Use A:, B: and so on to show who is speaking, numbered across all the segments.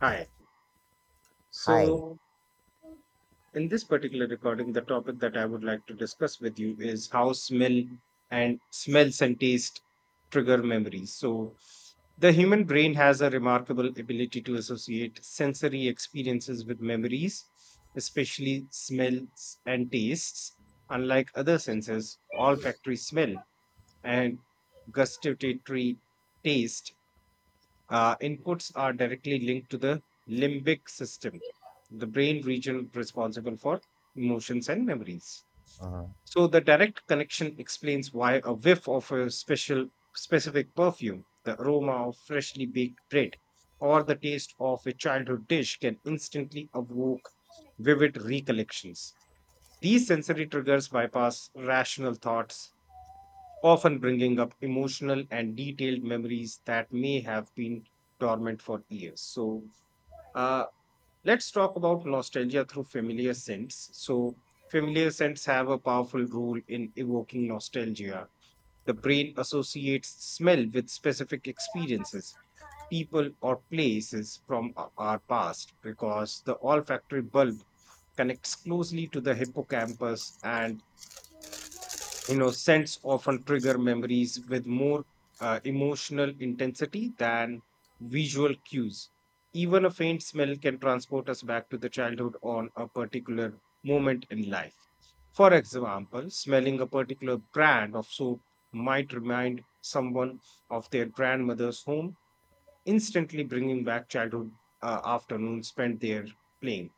A: Hi.
B: Hi.
A: So, in this particular recording, the topic that I would like to discuss with you is how smell and smells and taste trigger memories. The human brain has a remarkable ability to associate sensory experiences with memories, especially smells and tastes. Unlike other senses, olfactory smell and gustatory taste inputs are directly linked to the limbic system, the brain region responsible for emotions and memories.
B: Uh,
A: So the direct connection explains why a whiff of a special specific perfume, the aroma of freshly baked bread, or the taste of a childhood dish can instantly evoke vivid recollections. These sensory triggers bypass rational thoughts, often bringing up emotional and detailed memories that may have been dormant for years. Uh, let's talk about nostalgia through familiar scents. Familiar scents have a powerful role in evoking nostalgia. The brain associates smell with specific experiences, people, or places from our past, because the olfactory bulb connects closely to the hippocampus, and scents often trigger memories with more emotional intensity than visual cues. Even a faint smell can transport us back to the childhood on a particular moment in life. For example, smelling a particular brand of soap might remind someone of their grandmother's home, instantly bringing back childhood afternoons spent there playing.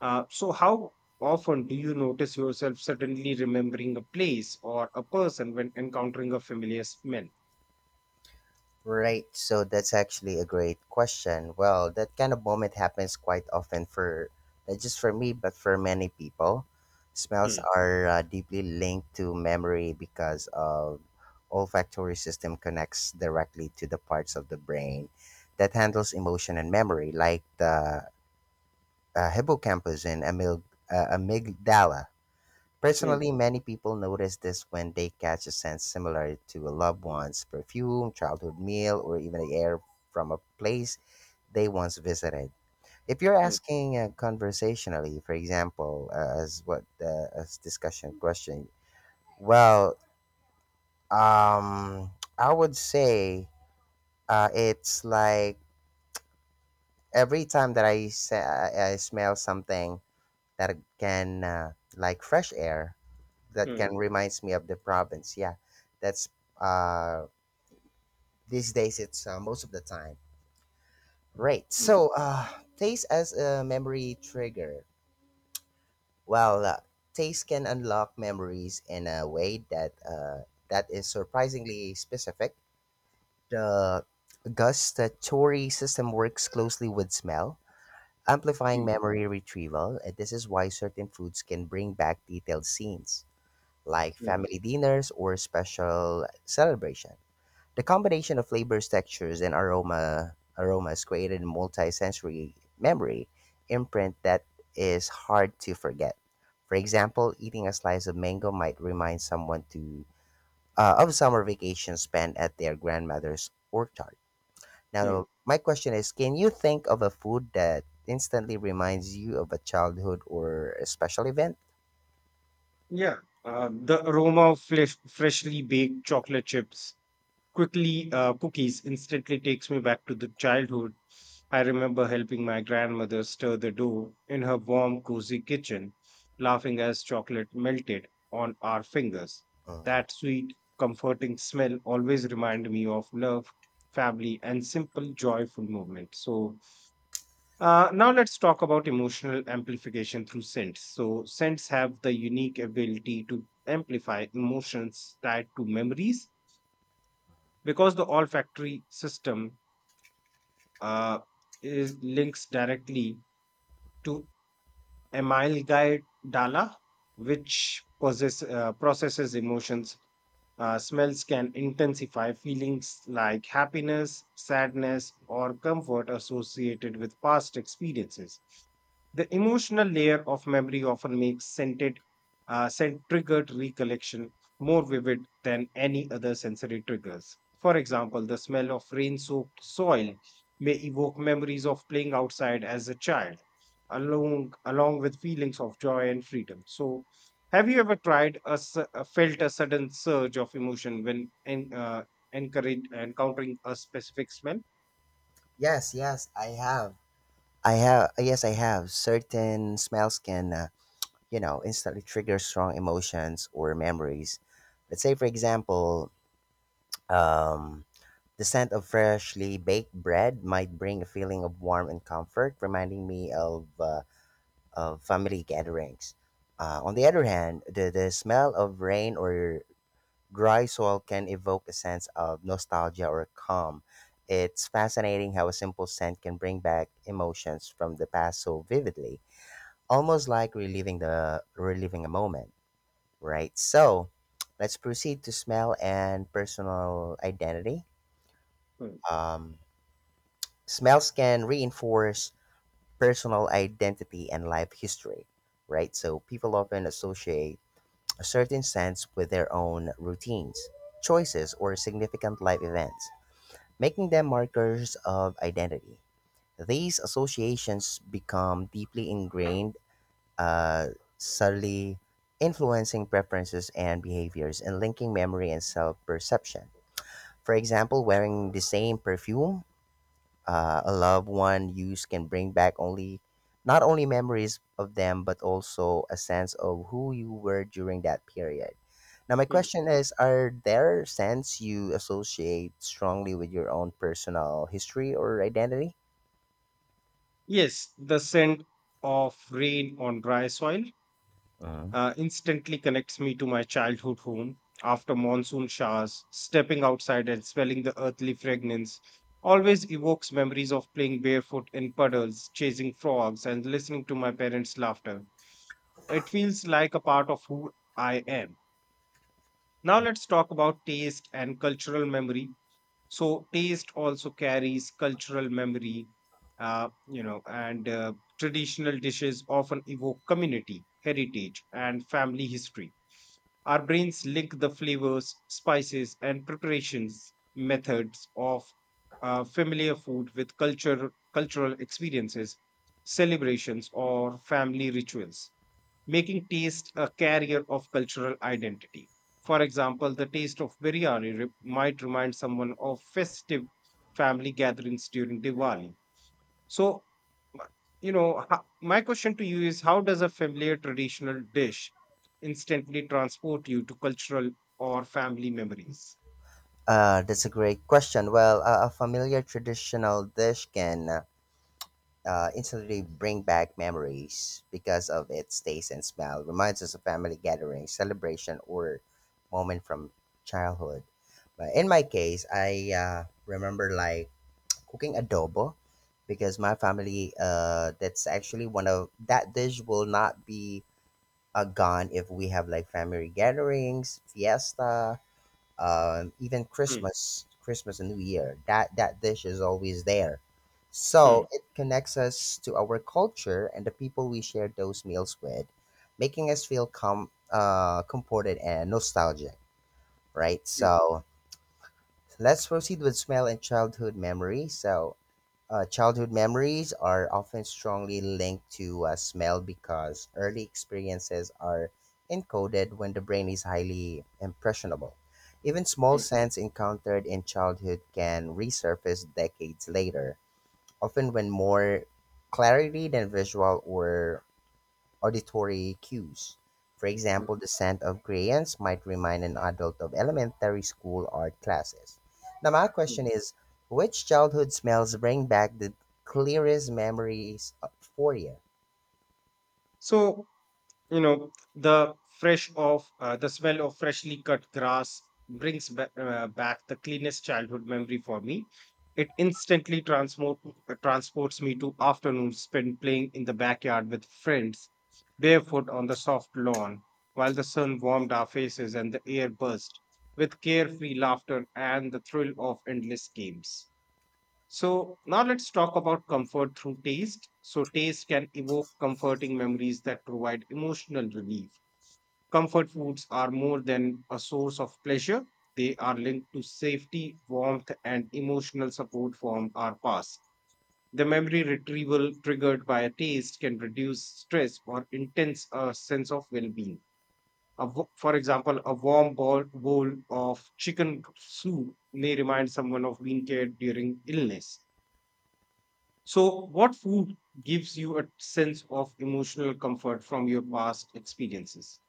A: So how often do you notice yourself suddenly remembering a place or a person when encountering a familiar smell?
B: right. So that's actually a great question. Well, that kind of moment happens quite often for not just for me, but for many people. Smells
A: Hmm,
B: are deeply linked to memory because of olfactory system connects directly to the parts of the brain that handles emotion and memory, like the hippocampus and amygdala.
A: hmm,
B: Personally, many people notice this when they catch a scent similar to a loved one's perfume, childhood meal, or even the air from a place they once visited. If you're
A: hmm,
B: asking conversationally, for example, as what as discussion question, well, um, I would say it's like every time that I smell something that can like fresh air that
A: hmm,
B: can reminds me of the province. Yeah, that's uh, these days it's most of the time. Right.
A: hmm,
B: So, taste as a memory trigger. Well, taste can unlock memories in a way that is surprisingly specific. The gustatory system works closely with smell, amplifying
A: hmm,
B: memory retrieval, and this is why certain foods can bring back detailed scenes, like
A: hmm,
B: family dinners or special celebrations. The combination of flavors, textures, and aromas created a multi-sensory memory imprint that is hard to forget. For example, eating a slice of mango might remind someone to of summer vacation spent at their grandmother's orchard.
A: hmm.
B: Now, my question is, can you think of a food that instantly reminds you of a childhood or a special event?
A: Yeah, the aroma of freshly baked chocolate chips, quickly cookies, instantly takes me back to the childhood. I remember helping my grandmother stir the dough in her warm, cozy kitchen, laughing as chocolate melted on our fingers.
B: Mm.
A: That sweet, comforting smell always reminded me of love, family, and simple, joyful moments. Now let's talk about emotional amplification through scents. So, scents have the unique ability to amplify emotions tied to memories because the olfactory system uh, is links directly to Emile Guy Dalla, which processes emotions. Smells can intensify feelings like happiness, sadness, or comfort associated with past experiences. The emotional layer of memory often makes scent triggered recollection more vivid than any other sensory triggers. For example, the smell of rain soaked soil may evoke memories of playing outside as a child, along with feelings of joy and freedom. So, have you ever felt a sudden surge of emotion when encountering a specific smell?
B: Yes, yes, I have. I have. Yes, I have. Certain smells can you know, instantly trigger strong emotions or memories. Let's say, for example, um, the scent of freshly baked bread might bring a feeling of warmth and comfort, reminding me of family gatherings. On the other hand, the smell of rain or dry soil can evoke a sense of nostalgia or calm. It's fascinating how a simple scent can bring back emotions from the past so vividly, almost like reliving a moment. Right. So let's proceed to smell and personal identity.
A: Hmm,
B: Um, smells can reinforce personal identity and life history, right? So people often associate a certain sense with their own routines, choices, or significant life events, making them markers of identity. These associations become deeply ingrained uh, subtly influencing preferences and behaviors and linking memory and self perception. For example, wearing the same perfume a loved one used can bring back only not only memories of them but also a sense of who you were during that period. Now, my
A: hmm.
B: question is, are there scents you associate strongly with your own personal history or identity?
A: Yes, the scent of rain on dry soil
B: Mhm.
A: instantly connects me to my childhood home. After monsoon showers, stepping outside and smelling the earthly fragrance always evokes memories of playing barefoot in puddles, chasing frogs, and listening to my parents' laughter. It feels like a part of who I am. Now, let's talk about taste and cultural memory. So, taste also carries cultural memory, you know, and traditional dishes often evoke community, heritage, and family history. Our brains link the flavors, spices, and preparations methods of familiar food with cultural experiences, celebrations, or family rituals, making taste a carrier of cultural identity. For example, the taste of might remind someone of festive family gatherings during Diwali. So, my question to you is, how does a familiar traditional dish instantly transport you to cultural or family memories?
B: That's a great question. Well, a familiar traditional dish can instantly bring back memories because of its taste and smell. Reminds us of family gatherings, celebration, or moment from childhood. But in my case, I remember like cooking adobo because my family that's actually one of that dish will not be gone if we have like family gatherings, fiesta, even
A: Hmm,
B: Christmas, Christmas and New Year. That dish is always there,
A: hmm,
B: so it connects us to our culture and the people we share those meals with, making us feel comforted and nostalgic. Right.
A: hmm,
B: So let's proceed with smell and childhood memory. So childhood memories are often strongly linked to smell because early experiences are encoded when the brain is highly impressionable. Even small
A: hmm,
B: scents encountered in childhood can resurface decades later, often when more clarity than visual or auditory cues. For
A: hmm,
B: example, the scent of crayons might remind an adult of elementary school art classes. Now, my question
A: hmm.
B: is, which childhood smells bring back the clearest memories for you?
A: So the fresh of the smell of freshly cut grass back the cleanest childhood memory for me. It instantly transports me to afternoons spent playing in the backyard with friends, barefoot on the soft lawn, while the sun warmed our faces and the air buzzed with carefree laughter and the thrill of endless games. So now let's talk about comfort through taste. So taste can evoke comforting memories that provide emotional relief. Comfort foods are more than a source of pleasure. They are linked to safety, warmth, and emotional support from our past. The memory retrieval triggered by a taste can reduce stress or intense a sense of well-being. A for example, a warm bowl, bowl of chicken soup may remind someone of being cared during illness. So, what food gives you a sense of emotional comfort from your past experiences?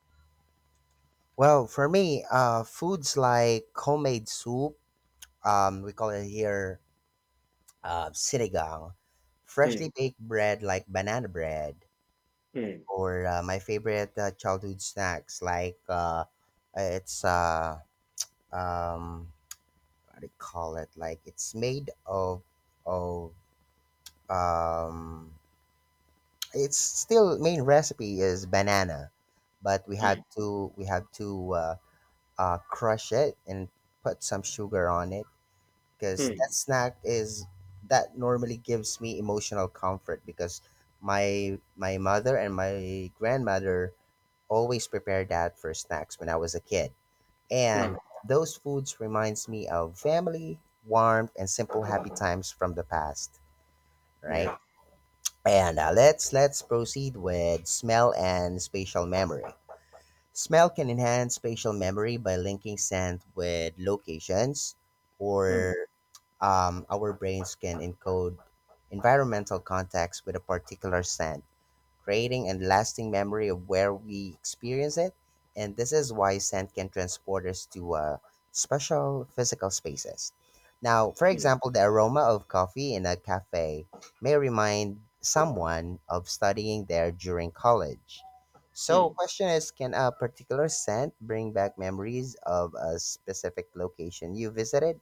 B: Well, for me, foods like homemade soup, we call it here sinigang,
A: Hmm,
B: freshly baked bread like banana bread,
A: hmm,
B: or my favorite childhood snacks like it's um, they call it like it's made of of um it's still main recipe is banana but
A: hmm,
B: we have to crush it and put some sugar on it because that
A: hmm,
B: snack is that normally gives me emotional comfort because my mother and my grandmother always prepared that for snacks when I was a kid and
A: hmm,
B: those foods reminds me of family, warmth, and simple happy times from the past, right?
A: yeah,
B: And let's proceed with smell and spatial memory. Smell can enhance spatial memory by linking scent with locations, or
A: hmm,
B: our brains can encode environmental context with a particular scent creating a lasting memory of where we experience it. And this is why scent can transport us to special physical spaces. Now, for
A: hmm,
B: example, the aroma of coffee in a cafe may remind someone of studying there during college. So,
A: hmm.
B: question is, can a particular scent bring back memories of a specific location you visited?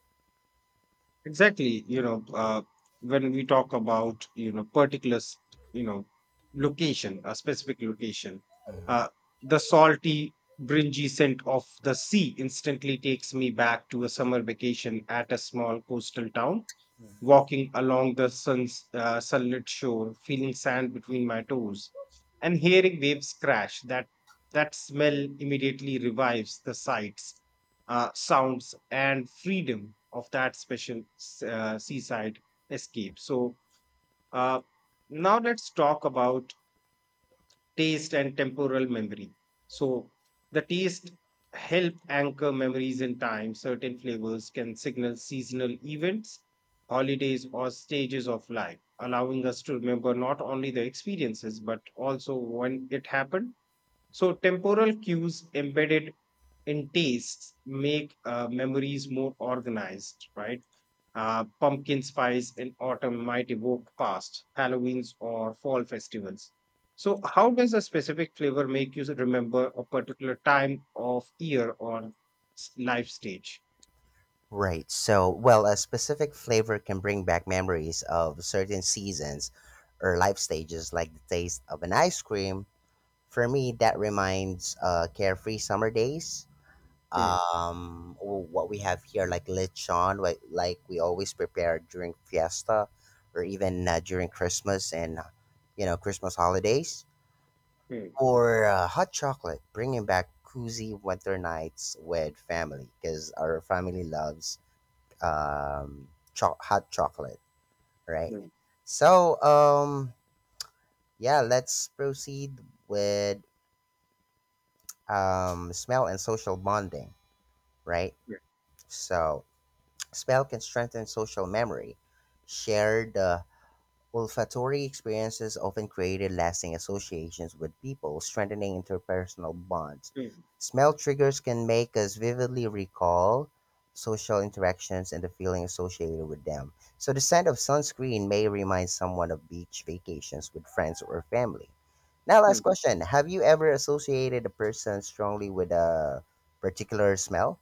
A: Exactly. When we talk about you know particular, s- you know, location, a specific location, uh, the salty, bringy scent of the sea instantly takes me back to a summer vacation at a small coastal town, walking along the sun's sunlit shore, feeling sand between my toes, and hearing waves crash. That smell immediately revives the sights, sounds, and freedom of that seaside escape. Uh, Now let's talk about taste and temporal memory. So the taste help anchor memories in time. Certain flavors can signal seasonal events, holidays, or stages of life, allowing us to remember not only the experiences but also when it happened. So temporal cues embedded in tastes make memories more organized, right? Pumpkin spice in autumn might evoke past Halloweens or fall festivals. So, how does a specific flavor make you remember a particular time of year or life stage?
B: Right. So, well, a specific flavor can bring back memories of certain seasons or life stages, like the taste of an ice cream. For me, that reminds carefree summer days.
A: Hmm,
B: What we have here, like lechon, like we always prepare during fiesta or even during Christmas and, you know, Christmas holidays.
A: hmm,
B: Or hot chocolate, bringing back cozy winter nights with family because our family loves um, hot chocolate, right?
A: hmm,
B: So, yeah, let's proceed with smell and social bonding, right?
A: yeah,
B: So, smell can strengthen social memory. Shared olfactory experiences often created lasting associations with people, strengthening interpersonal bonds.
A: hmm,
B: Smell triggers can make us vividly recall social interactions and the feeling associated with them. So, the scent of sunscreen may remind someone of beach vacations with friends or family. Now, last
A: hmm.
B: question, have you ever associated a person strongly with a particular smell?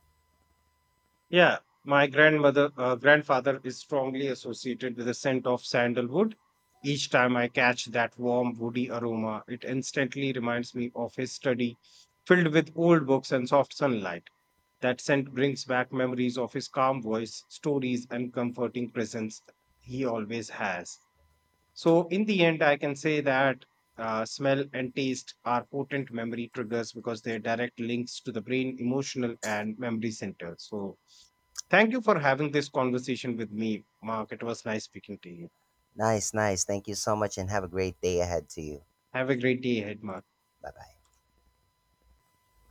A: Yeah, my grandfather is strongly associated with the scent of sandalwood. Each time I catch that warm, woody aroma, it instantly reminds me of his study filled with old books and soft sunlight. That scent brings back memories of his calm voice, stories, and comforting presence he always has. So, in the end, I can say that smell and taste are potent memory triggers because they're direct links to the brain, emotional, and memory center. So, thank you for having this conversation with me, Mark. It was nice speaking to you.
B: Nice, nice. Thank you so much and have a great day ahead to you.
A: Have a great day ahead, Mark.
B: Bye bye.